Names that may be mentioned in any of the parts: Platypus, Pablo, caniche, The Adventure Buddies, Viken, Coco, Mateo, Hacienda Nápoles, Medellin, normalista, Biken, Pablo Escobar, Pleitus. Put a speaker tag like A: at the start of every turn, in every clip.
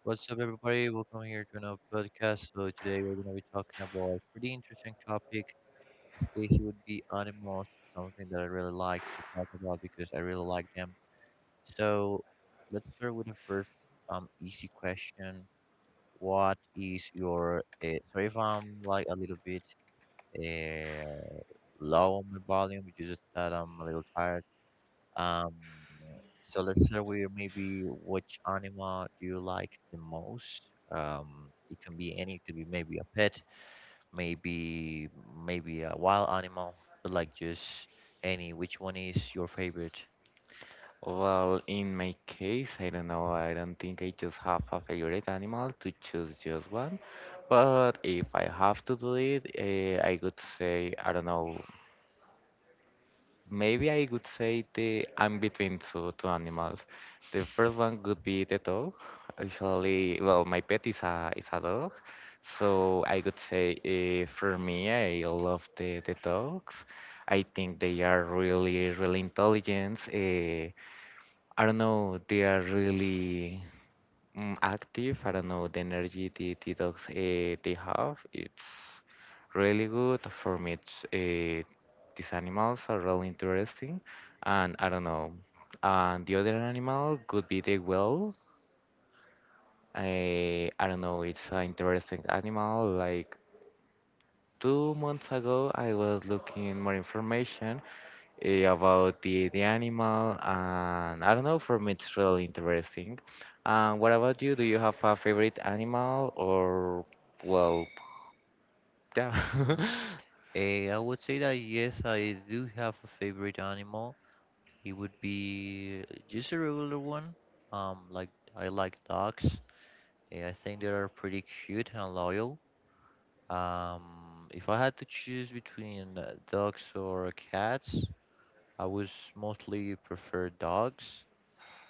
A: What's up, everybody? Welcome here to another podcast. So today we're gonna be talking about a pretty interesting topic. In this case, it would be animals, something that I really like to talk about because I really like them. So let's start with the first easy question. What is your sorry if I'm like a little bit uh, low on my volume, it's just that I'm a little tired. Um, so let's start with maybe which animal do you like the most? It can be any, it could be maybe a pet, maybe maybe a wild animal, but like just any. Which one is your favorite?
B: Well, in my case, I don't know. I don't think I just have a favorite animal to choose just one. But if I have to do it, I would say, I don't know, maybe I would say the I'm between two animals. The first one would be the dog. Usually, well, my pet is a dog. So I would say for me, I love the dogs. I think they are really intelligent. I don't know, they are really active. I don't know, the energy the dogs they have, it's really good for me. It's, these animals are really interesting, and I don't know. And the other animal could be the whale. I don't know, it's an interesting animal. Like 2 months ago, I was looking more information, about the animal, and I don't know, for me it's really interesting. And what about you? Do you have a favorite animal or well, yeah?
A: Mm. Eh, I would say that yes, I do have a favorite animal. It would be just a regular one. Like I like dogs. Eh, I think they are pretty cute and loyal. If I had to choose between dogs or cats, I would mostly prefer dogs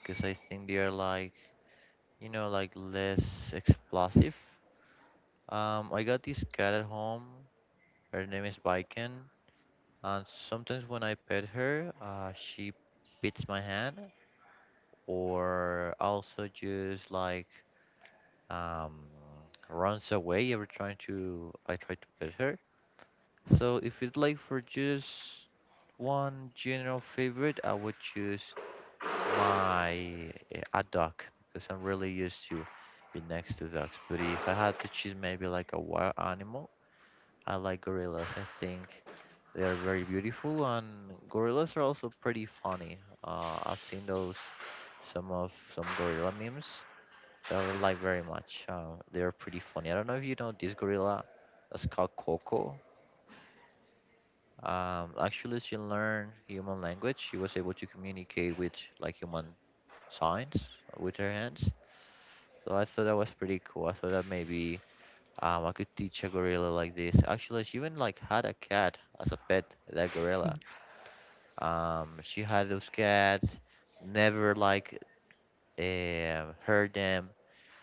A: because I think they are like, like less explosive. I got this cat at home. Her name is Viken, and sometimes when I pet her, she bites my hand, or also just like um runs away every time to I try to pet her. So if it's like for just one general favorite, I would choose my a duck because I'm really used to be next to ducks. But if I had to choose maybe like a wild animal, I like gorillas. I think they are very beautiful and gorillas are also pretty funny. I've seen those some gorilla memes that I like very much. They are pretty funny. I don't know if you know this gorilla that's called Coco. Actually, she learned human language. She was able to communicate with like human signs with her hands. So I thought that was pretty cool. I thought that maybe I could teach a gorilla like this. Actually, she even like had a cat as a pet. That gorilla. She had those cats. Never like hurt them.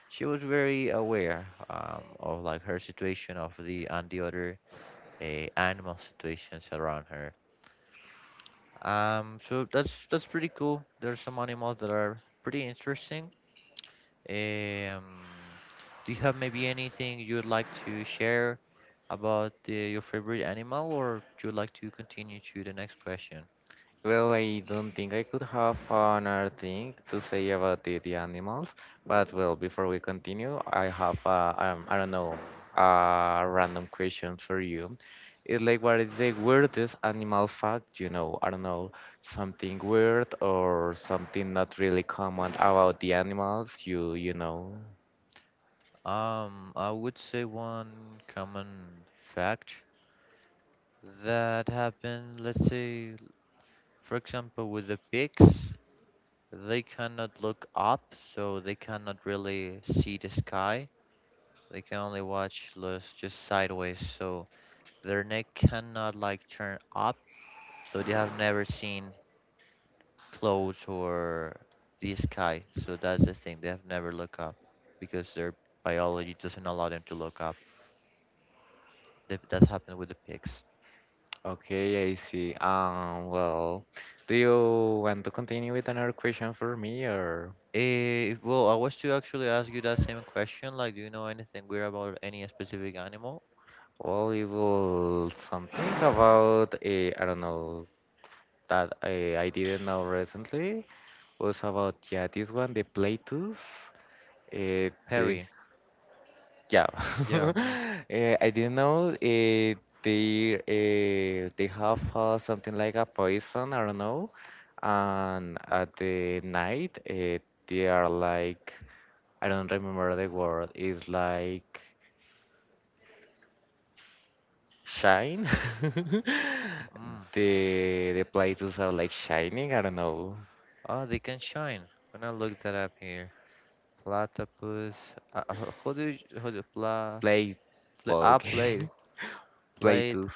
A: She was very aware of like her situation of the and the other animal situations around her. So that's pretty cool. There's some animals that are pretty interesting. Um, do you have maybe anything you would like to share about your favorite animal, or do you like to continue to the next question?
B: Well, I don't think I could have another thing to say about the animals, but well, before we continue, I have I don't know, a random question for you. It's like, what is the weirdest animal fact you know? I don't know, something weird or something not really common about the animals you know.
A: I would say one common fact that happened, let's say, for example, with the pigs, they cannot look up, so they cannot really see the sky. They can only watch los just sideways, so their neck cannot like turn up, so they have never seen clouds or the sky. So that's the thing, they have never look up because their biology doesn't allow them to look up. That's happened with the pigs.
B: Okay, I see. Well, do you want to continue with another question for me or?
A: Eh, well, I was to actually ask you that same question. Like, do you know anything weird about any specific animal?
B: Well, it was something about I don't know, that I didn't know recently, was about, yeah, this one, the Pleitus. Uh,
A: Mm,
B: the,
A: Perry.
B: yeah,
A: Yeah. Mm,
B: I didn't know, they have, something like a poison. I don't know, and at the night, they are like, I don't remember the word. It's like shine.
A: mm.
B: the the Pleitos are like shining. I don't know.
A: Oh, they can shine. I'm gonna look that up here. Platypus. How do you, pla,
B: Play,
A: pla,
B: well,
A: ah, plate,
B: okay.
A: plate,
B: Pleitos.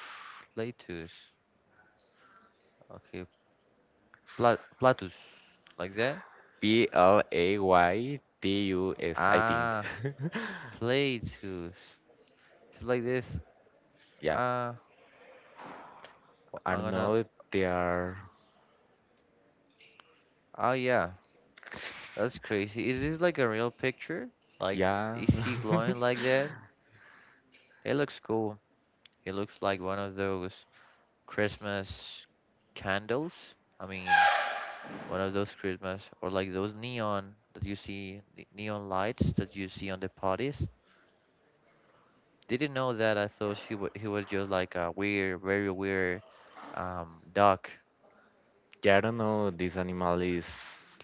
A: platus. Okay, pla, platus, like that.
B: Playtus, I think.
A: Ah, platus. It's like this.
B: Yeah.
A: Ah, well,
B: I
A: I'm
B: don't
A: gonna.
B: know. They are.
A: Oh yeah, that's crazy. Is this like a real picture? Like,
B: Yeah.
A: is he glowing like that? It looks cool. It looks like one of those Christmas candles. I mean, one of those Christmas or like those neon that you see neon lights that you see on the parties. Didn't know that. I thought she wa he was just like a weird, very weird duck.
B: Yeah. I don't know. This animal is,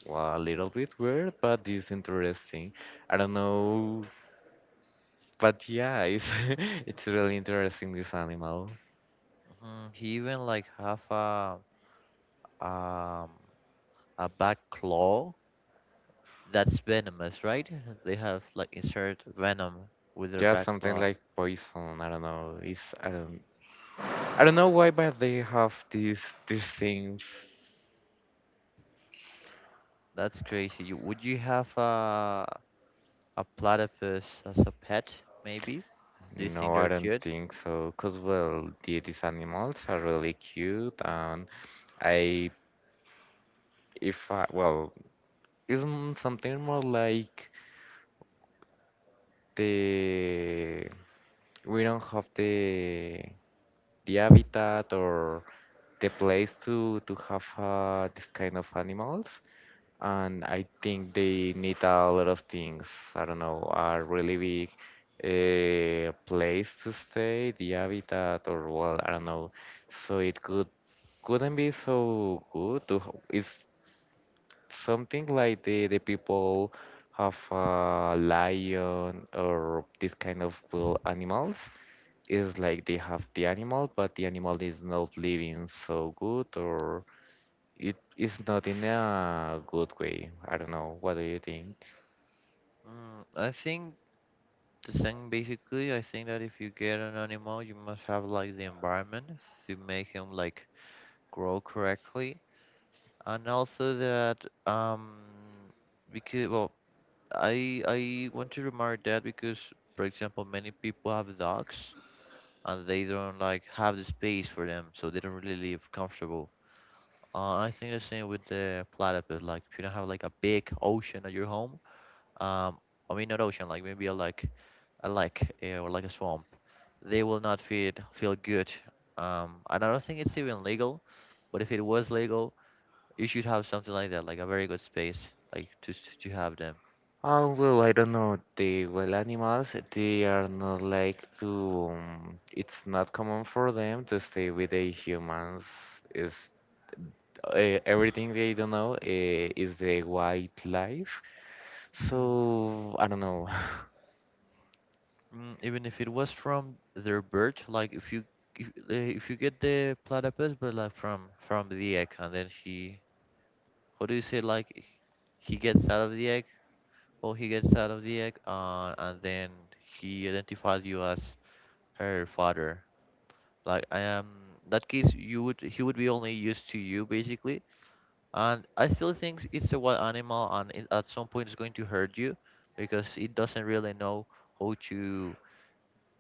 B: well, a little bit weird, but it's interesting. I don't know. But yeah, it's it's really interesting, this animal.
A: He even like have um a back claw that's venomous, right? They have like insert venom with their Yeah,
B: Just
A: back
B: something
A: claw. Like
B: like poison. I don't know. It's, I don't, I don't know why, but they have these things.
A: that's crazy. You, would you have a platypus as a pet, maybe? Do you think
B: No,
A: No, they're
B: I don't
A: cute?
B: think so. Cause well, these animals are really cute, and I, if I, well, isn't something more like the we don't have the habitat or the place to have this kind of animals. And I think they need a lot of things. I don't know, a really big, place to stay, the habitat, or well, I don't know. So it could, couldn't be so good. To, h- it's something like the people have a lion or this kind of cool animals. It's like they have the animal, but the animal is not living so good, or it is not in a good way. I don't know. What do you think?
A: I think the thing basically, I think that if you get an animal, you must have like the environment to make him like grow correctly, and also that because well, I want to remark that because for example, many people have dogs and they don't like have the space for them, so they don't really live comfortable. I think the same with the platypus. Like if you don't have like a big ocean at your home, um, I mean not ocean, like maybe a like a lake eh, or like a swamp they will not feel good. And I don't think it's even legal, but if it was legal, you should have something like that, like a very good space, like to have them.
B: Oh, well, I don't know. The wild animals, they are not like to. It's not common for them to stay with the humans. Is, everything they don't know, is the wildlife. So I don't know.
A: Mm, even if it was from their birth, like if you if you get the platypus, but like from the egg, and then he, what do you say, like he gets out of the egg, or he gets out of the egg, and then he identifies you as her father. Like I am that case you would he would be only used to you basically, and I still think it's a wild animal, and it, at some point it's going to hurt you because it doesn't really know how to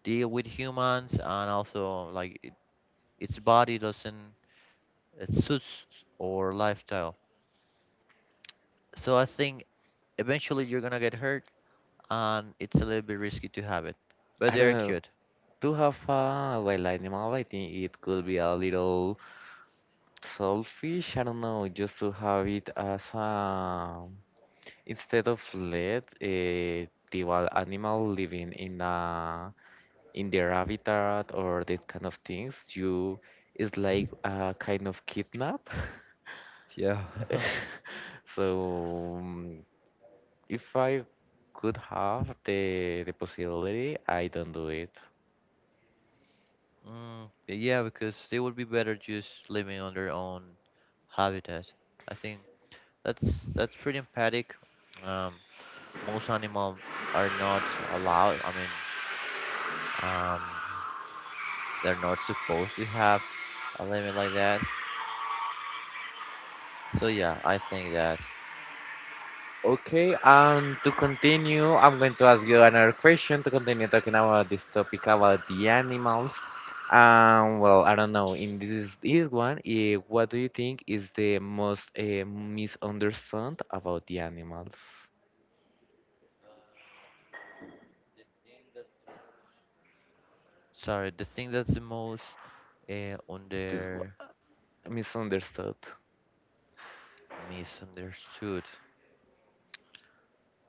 A: deal with humans, and also like it, its body doesn't it suits or lifestyle. So I think eventually you're gonna get hurt, and it's a little bit risky to have it, but
B: I don't
A: they're
B: know.
A: cute.
B: To have a wild animal, I think it could be a little selfish. I don't know. Just to have it as a, instead of lead, the wild animal living in a, in their habitat or that kind of things, you, is like a kind of kidnap.
A: Yeah.
B: So if I could have the possibility, I don't do it.
A: Mm, yeah, because they would be better just living on their own habitat. I think that's that's pretty empathic. Um, most animals are not allowed. I mean, um, they're not supposed to have a limit like that. So yeah, I think that.
B: Okay, and to continue, I'm going to ask you another question to continue talking about this topic about the animals. Well, I don't know. In this one, what do you think is the most misunderstood about the animals?
A: Sorry, the thing that's the most
B: This one-
A: under
B: misunderstood.
A: misunderstood.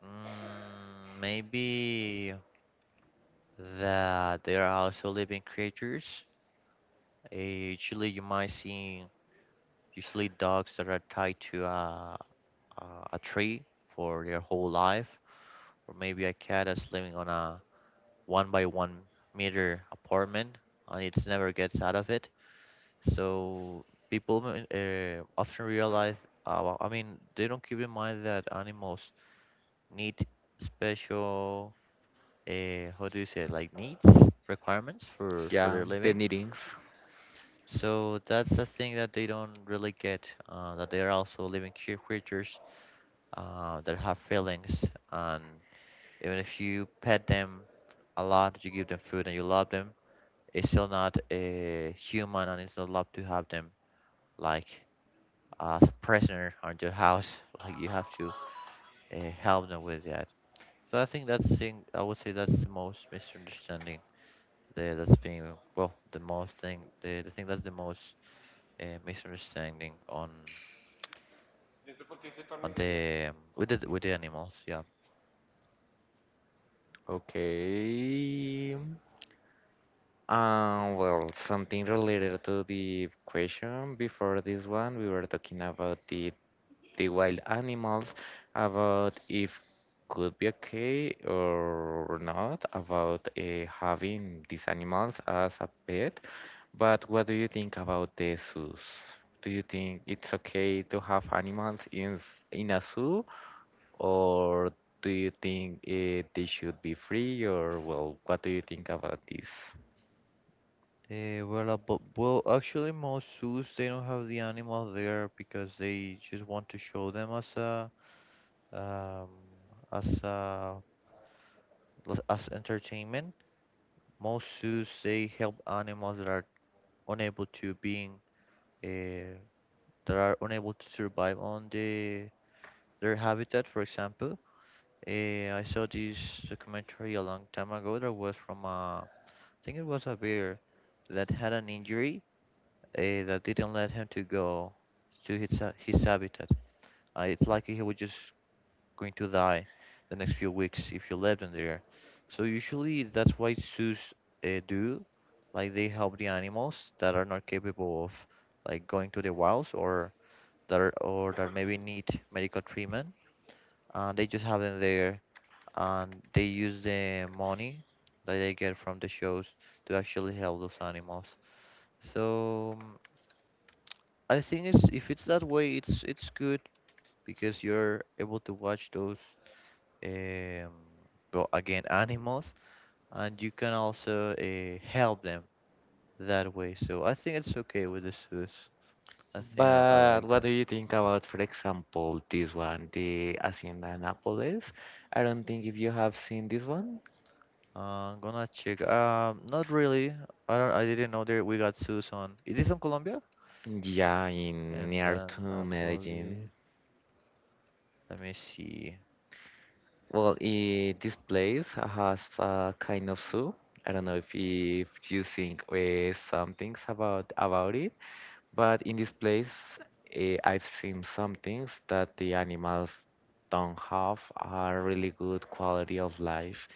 A: Mm, maybe that they are also living creatures. Usually, you might see. Usually, dogs that are tied to a, a tree for their whole life, or maybe a cat that's living on a one by one meter apartment and it never gets out of it. So people often realize, well, I mean, they don't keep in mind that animals need special, how do you say, it, like needs, requirements for
B: Yeah,
A: their
B: the
A: living.
B: meetings.
A: So that's a thing that they don't really get, that they are also living creatures that have feelings, and even if you pet them a lot, you give them food, and you love them, it's still not a human, and it's not love to have them like as a prisoner on your house. Like you have to help them with that. So I think that's thing. I would say that's the most misunderstanding. The, that's being well the most thing the thing that's the most misunderstanding on the with the with the animals yeah.
B: Okay. Well, something related to the question before this one, we were talking about the wild animals, about if could be okay or not, about having these animals as a pet. But what do you think about the zoos? Do you think it's okay to have animals in s- in a zoo, or do you think, they should be free, or well, what do you think about this?
A: Eh, well, but, well, actually, most zoos they don't have the animals there because they just want to show them as a um, as a as entertainment. Most zoos they help animals that are unable to being uh, that are unable to survive on their habitat. For example, I saw this documentary a long time ago that was from a I think it was a bear that had an injury eh, that didn't let him to go to his, his habitat. It's likely he was just going to die the next few weeks if you left him there. So usually that's why zoos do, like they help the animals that are not capable of like going to the wilds or that are, or that maybe need medical treatment. They just have them there and they use the money that they get from the shows to actually help those animals. So mm, I think it's if it's that way, it's good because you're able to watch those um, well again animals, and you can also help them that way. So I think it's okay with the zoos. I think I
B: But
A: like
B: what
A: them.
B: do you think about, for example, this one, the Hacienda Nápoles? I don't think if you have seen this one.
A: I'm gonna check. Not really. I don't. I didn't know there we got zoos on. Is this on Colombia?
B: Yeah, in
A: And
B: near
A: then
B: to
A: Napoli.
B: Medellin.
A: Let me see.
B: Well, I this place has a kind of zoo. I don't know if you think, some things about it. But in this place, I've seen some things that the animals don't have a really good quality of life.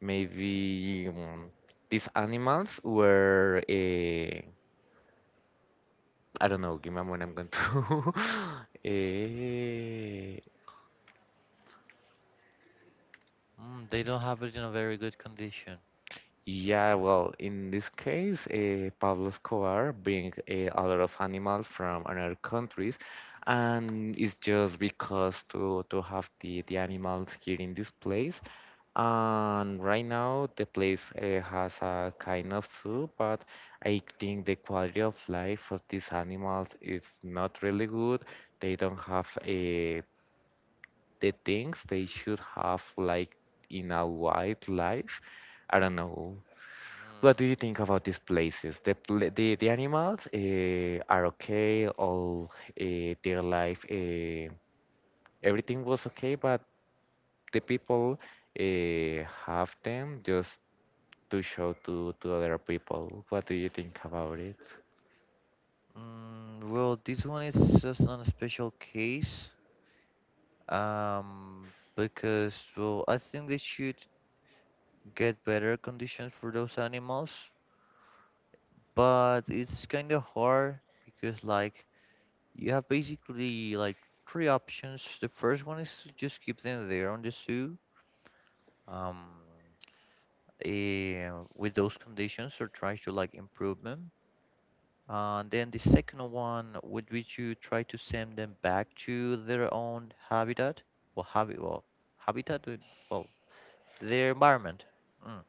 B: Maybe, these animals were, eh, I don't know, give me a moment, I'm going to. Eh,
A: Mm, they don't have it in a very good condition.
B: yeah, well, in this case, eh, Pablo Escobar bring, eh, a lot of animals from other countries, and it's just because to have the animals here in this place. And right now, the place, has a kind of zoo, but I think the quality of life of these animals is not really good. They don't have, the things they should have, like in a wild life. I don't know. What do you think about these places? The pla the animals, are okay, all their life, everything was okay, but the people, have them just to show to other people. What do you think about it?
A: Mm, well, this one is just on a special case, because well, I think they should get better conditions for those animals, but it's kind of hard because like you have basically like three options. The first one is to just keep them there on the zoo, um, with those conditions or try to like improve them. And then the second one would be to try to send them back to their own habitat. Well, habi well, habitat, would- well, their environment. Mm.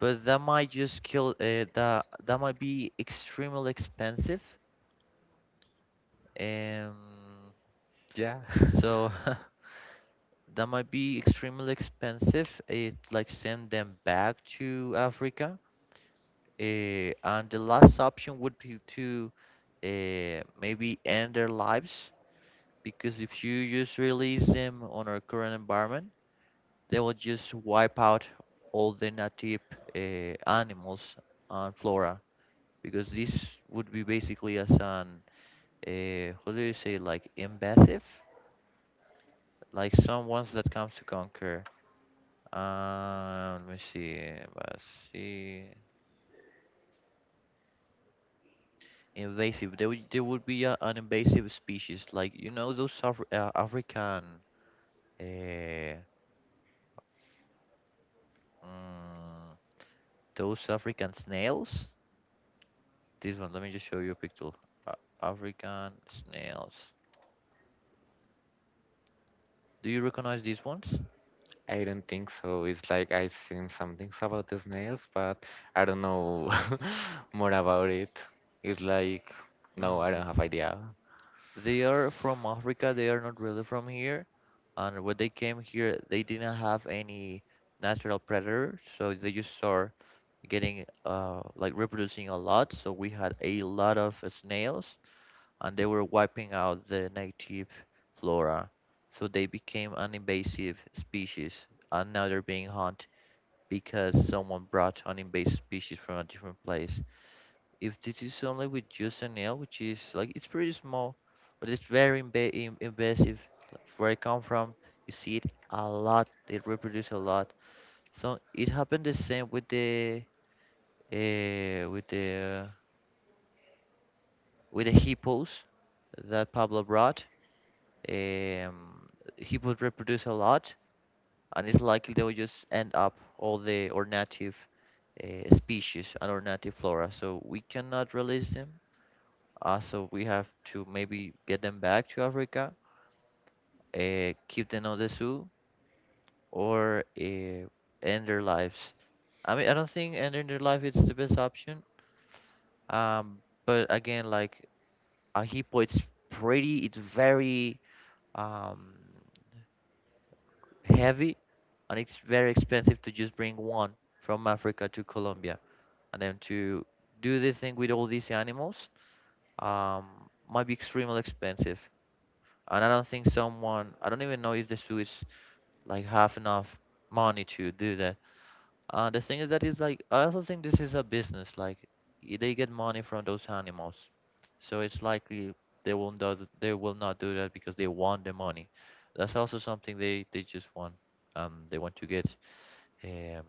A: But that might just kill, that might be extremely expensive. Um,
B: Yeah.
A: so that might be extremely expensive. It like send them back to Africa. And the last option would be to maybe end their lives, because if you just release them on our current environment, they will just wipe out all the native animals and flora, because this would be basically as an how do you say, like invasive, like some ones that comes to conquer. Let me see, let's see, invasive. They would be an invasive species, like you know those African, uh, mm, those African snails. This one, let me just show you a picture. A- African snails. Do you recognize these ones?
B: I don't think so. It's like I've seen some things about the snails, but I don't know more about it. It's like, no, I
A: Mm.
B: don't have idea.
A: They are from Africa. They are not really from here. And when they came here, they didn't have any natural predator, so they just start getting like reproducing a lot. So we had a lot of snails, and they were wiping out the native flora. So they became an invasive species, and now they're being hunted because someone brought an invasive species from a different place. If this is only with just a nail, which is like it's pretty small, but it's very invasive. Like where I come from, you see it a lot. They reproduce a lot. So it happened the same with the uh, with the with the hippos that Pablo brought. Um, Hippos reproduce a lot, and it's likely they will just end up all the or native species and our native flora. So we cannot release them. So we have to maybe get them back to Africa, keep them on the zoo, or end their lives. I mean, I don't think ending their life is the best option. Um, but again, like a hippo, it's pretty, it's very um, heavy, and it's very expensive to just bring one from Africa to Colombia, and then to do this thing with all these animals um, might be extremely expensive. And I don't think someone, I don't even know if the zoo is like have enough money to do that. The thing is that is like, I also think this is a business. Like they get money from those animals, so it's likely they will not do that because they want the money. That's also something they just want. They want to get um,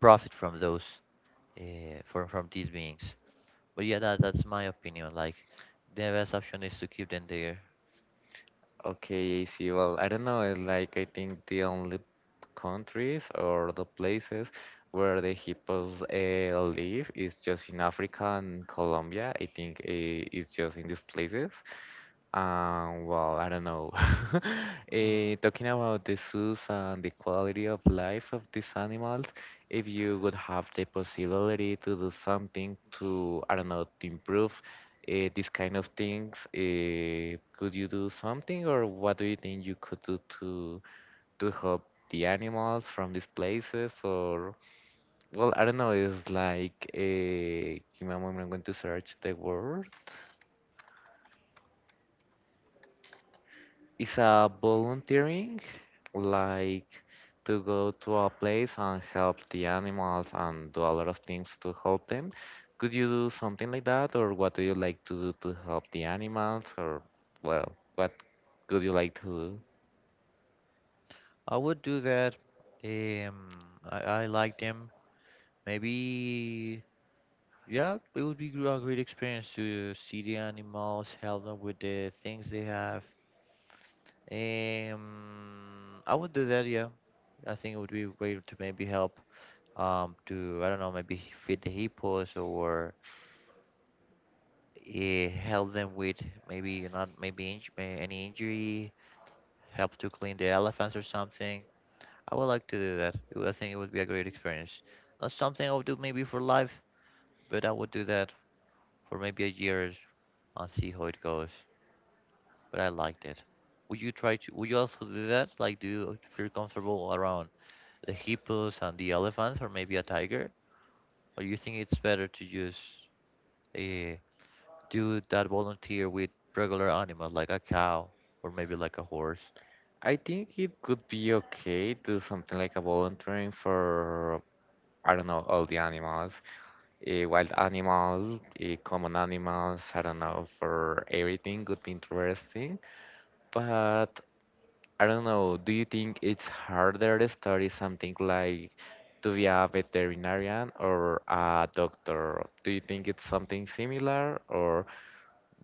A: profit from those from these beings. But yeah, that's my opinion. Like the best option is to keep them there.
B: Okay, AC. Well, I don't know. It's like, I think the only countries or the places where the hippos, live is just in Africa and Colombia. I think, it's just in these places. Well, I don't know.
A: Mm.
B: Eh, talking about the zoos and the quality of life of these animals, if you would have the possibility to do something to, I don't know, to improve, these kind of things, could you do something, or what do you think you could do to help the animals from these places? Or well, I don't know. It's like, give me a moment. I'm going to search the word. It's a volunteering, like to go to a place and help the animals and do a lot of things to help them. Could you do something like that, or what do you like to do to help the animals, or well, what could you like to do?
A: I would do that. I like them. Maybe, yeah, it would be a great experience to see the animals, help them with the things they have. I would do that, yeah. I think it would be a way to maybe help, to, I don't know, maybe feed the hippos or help them with maybe not maybe inj may- any injury, help to clean the elephants or something. I would like to do that. I think it would be a great experience. Not something I would do maybe for life, but I would do that for maybe a year and see how it goes. But I liked it. Would you try to? Would you also do that? Like, do you feel comfortable around the hippos and the elephants, or maybe a tiger? Or you think it's better to just uh, do that volunteer with regular animals like a cow or maybe like a horse.
B: I think it could be okay to something like a volunteering for, I don't know, all the animals, wild animals, common animals. I don't know, for everything could be interesting. But I don't know, do you think it's harder to study something like to be a veterinarian or a doctor? Do you think it's something similar, or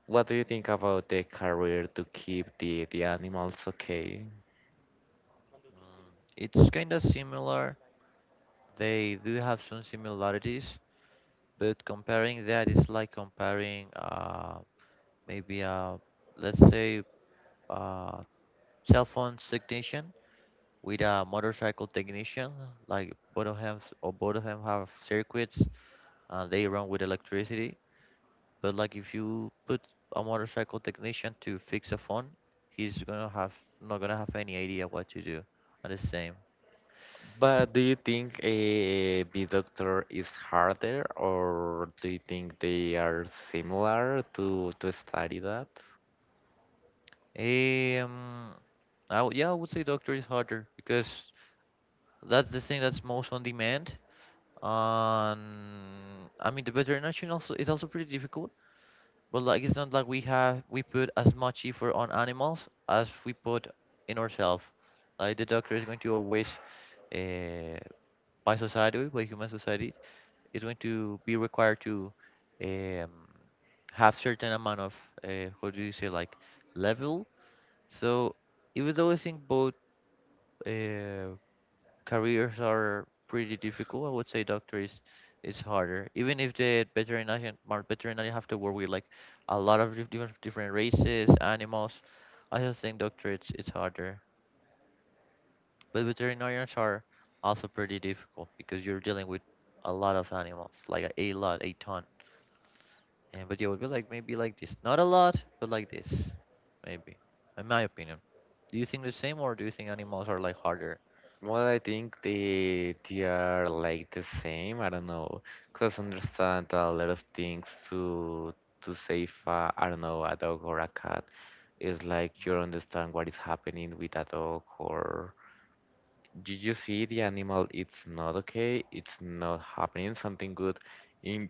B: what do you think about the career to keep the animals okay?
A: Mm, it's kind of similar. They do have some similarities, but comparing that is like comparing maybe a, let's say uh, cell phone technician with a motorcycle technician. Like both of them, or both of them have circuits and they run with electricity. But like if you put a motorcycle technician to fix a phone, he's gonna have, not gonna have any idea what to do. And the same.
B: But do you think a bee doctor is harder, or do you think they are similar to study that?
A: Um, yeah, I would say doctor is harder because that's the thing that's most on demand. I mean the veterinarian also is also pretty difficult, but like it's not like we have, we put as much effort on animals as we put in ourselves. Like the doctor is going to always uh, by society, by human society, is going to be required to um, have certain amount of what do you say, like level. So even though I think both uh, careers are pretty difficult, I would say doctor is harder. Even if the veterinarian, veterinary have to work with like a lot of different races, animals. I just think doctor it's harder. But veterinarians are also pretty difficult because you're dealing with a lot of animals, like a lot, a ton. And but yeah, it would be like maybe like this. Not a lot, but like this. Maybe. In my opinion. Do you think the same, or do you think animals are like harder?
B: Well, I think they are like the same. I don't know, cause understand a lot of things to save. I don't know, a dog or a cat. It's like you
A: Mm.
B: understand what is happening with a dog, or you see the animal. It's not okay. It's not happening. Something good in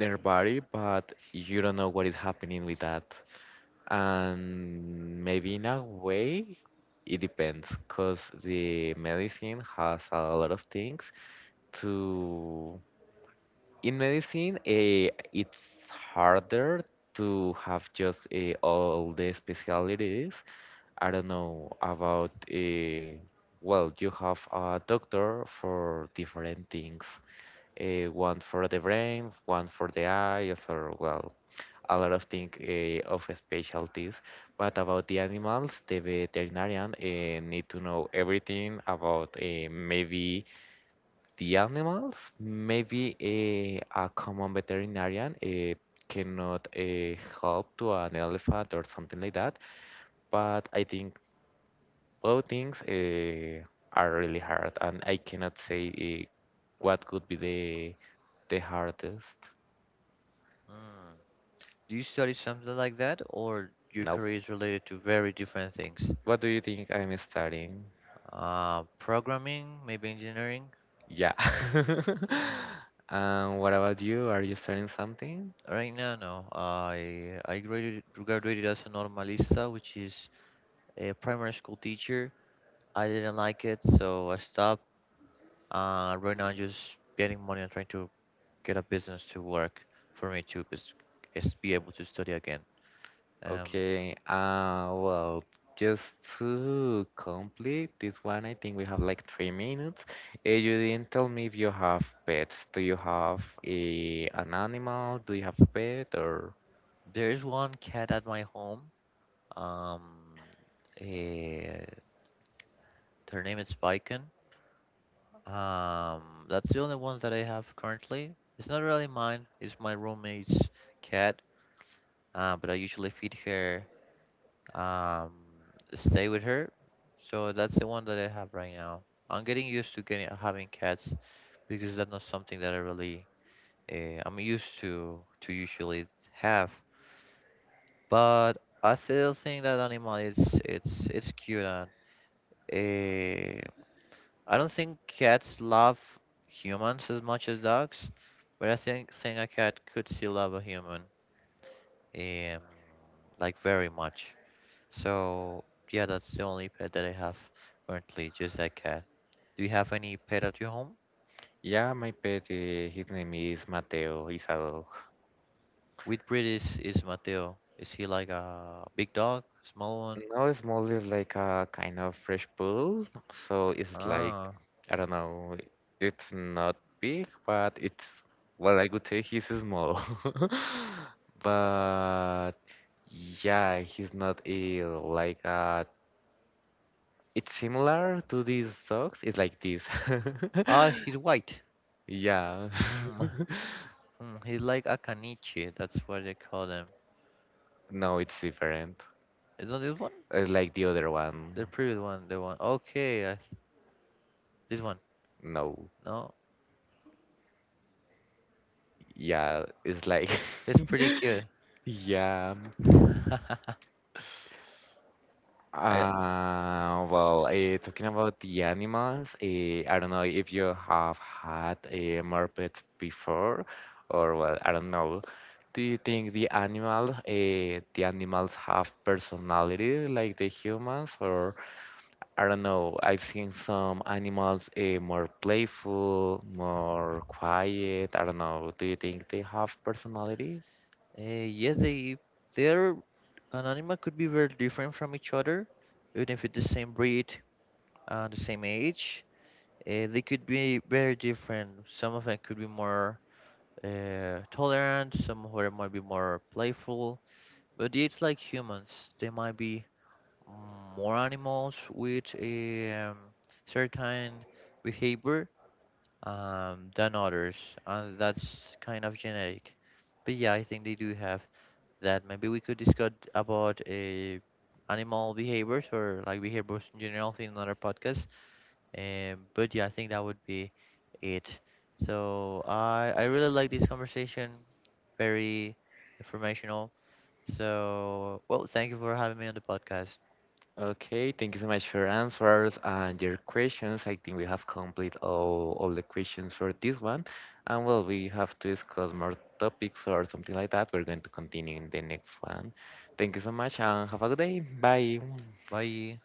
B: their body, but you don't know what is happening with that. And maybe in a way, it depends, because the medicine has a lot of things to. In medicine, eh, it's harder to have just, eh, all the specialties. I don't know about. Eh, well, you have a doctor for different things. Eh, one for the brain, one for the eyes, or well, a lot of things, of specialties. But about the animals, the veterinarian, need to know everything about, maybe the animals. Maybe, a common veterinarian, cannot, help to an elephant or something like that. But I think both things, are really hard, and I cannot say, what could be the hardest.
A: Mm. Do you study something like that, or your
B: Now,
A: career is related to very different things?
B: what do you think I'm studying?
A: Programming, maybe engineering?
B: Yeah.
A: Mm.
B: What about you? Are you studying something?
A: Right now, no. I graduated as a normalista, which is a primary school teacher. I didn't like it, so I stopped. Right now, I'm just getting money and trying to get a business to work for me to bes- is be able to study again. Um,
B: Okay. Well, just to complete this one, I think we have like 3 minutes. You didn't tell me if you have pets. Do you have a an animal? Do you have a pet? Or
A: there is one cat at my home. Um, eh, her name is Biken. That's the only ones that I have currently. It's not really mine. It's my roommate's cat. But I usually feed her. Um, Stay with her. So that's the one that I have right now. I'm getting used to getting having cats, because that's not something that I really I'm used to usually have. But I still think that animal is, it's cute and uh, I don't think cats love humans as much as dogs, but I think a cat could still love a human um like very much. So yeah, that's the only pet that I have currently, just that cat. Do you have any pet at your home?
B: yeah, my pet. His name is Mateo. He's Isado.
A: With breed is Mateo? Is he like a big dog, small one?
B: Now it's mostly like a kind of fresh pool, so it's like,
A: Ah,
B: I don't know. It's not big, but it's, well, I would say he's small. But yeah, he's not ill. Like, it's similar to these socks. It's like this.
A: ah, he's white.
B: Yeah.
A: Mm. Mm, he's like a caniche. That's what they call them.
B: No, it's different.
A: Is not this one?
B: It's like the other one.
A: The previous one, the one. Okay, I, this one.
B: No.
A: No,
B: Yeah, it's like
A: he's pretty cute.
B: yeah.
A: I,
B: Well, talking about the animals, I don't know if you have had a mermaid before, or well, I don't know. Do you think the animal, the animals have personality like the humans, or, I don't know. I've seen some animals, more playful, more quiet. I don't know. Do you think they have personality?
A: eh, yes, they their an animal could be very different from each other, even if it's the same breed, the same age. They could be very different. Some of them could be more tolerant, some of them might be more playful. But it's like humans, they might be more animals with a certain behavior, than others, and that's kind of genetic. But yeah, I think they do have that. Maybe we could discuss about animal behaviors, or like behaviors in general, in another podcast, but yeah, I think that would be it. So I really like this conversation, very informational. So well, thank you for having me on the podcast.
B: Okay, thank you so much for answers and your questions. I think we have complete all the questions for this one. And well, we have to discuss more topics or something like that. We're going to continue in the next one. Thank you so much and have a good day. Bye.
A: Bye.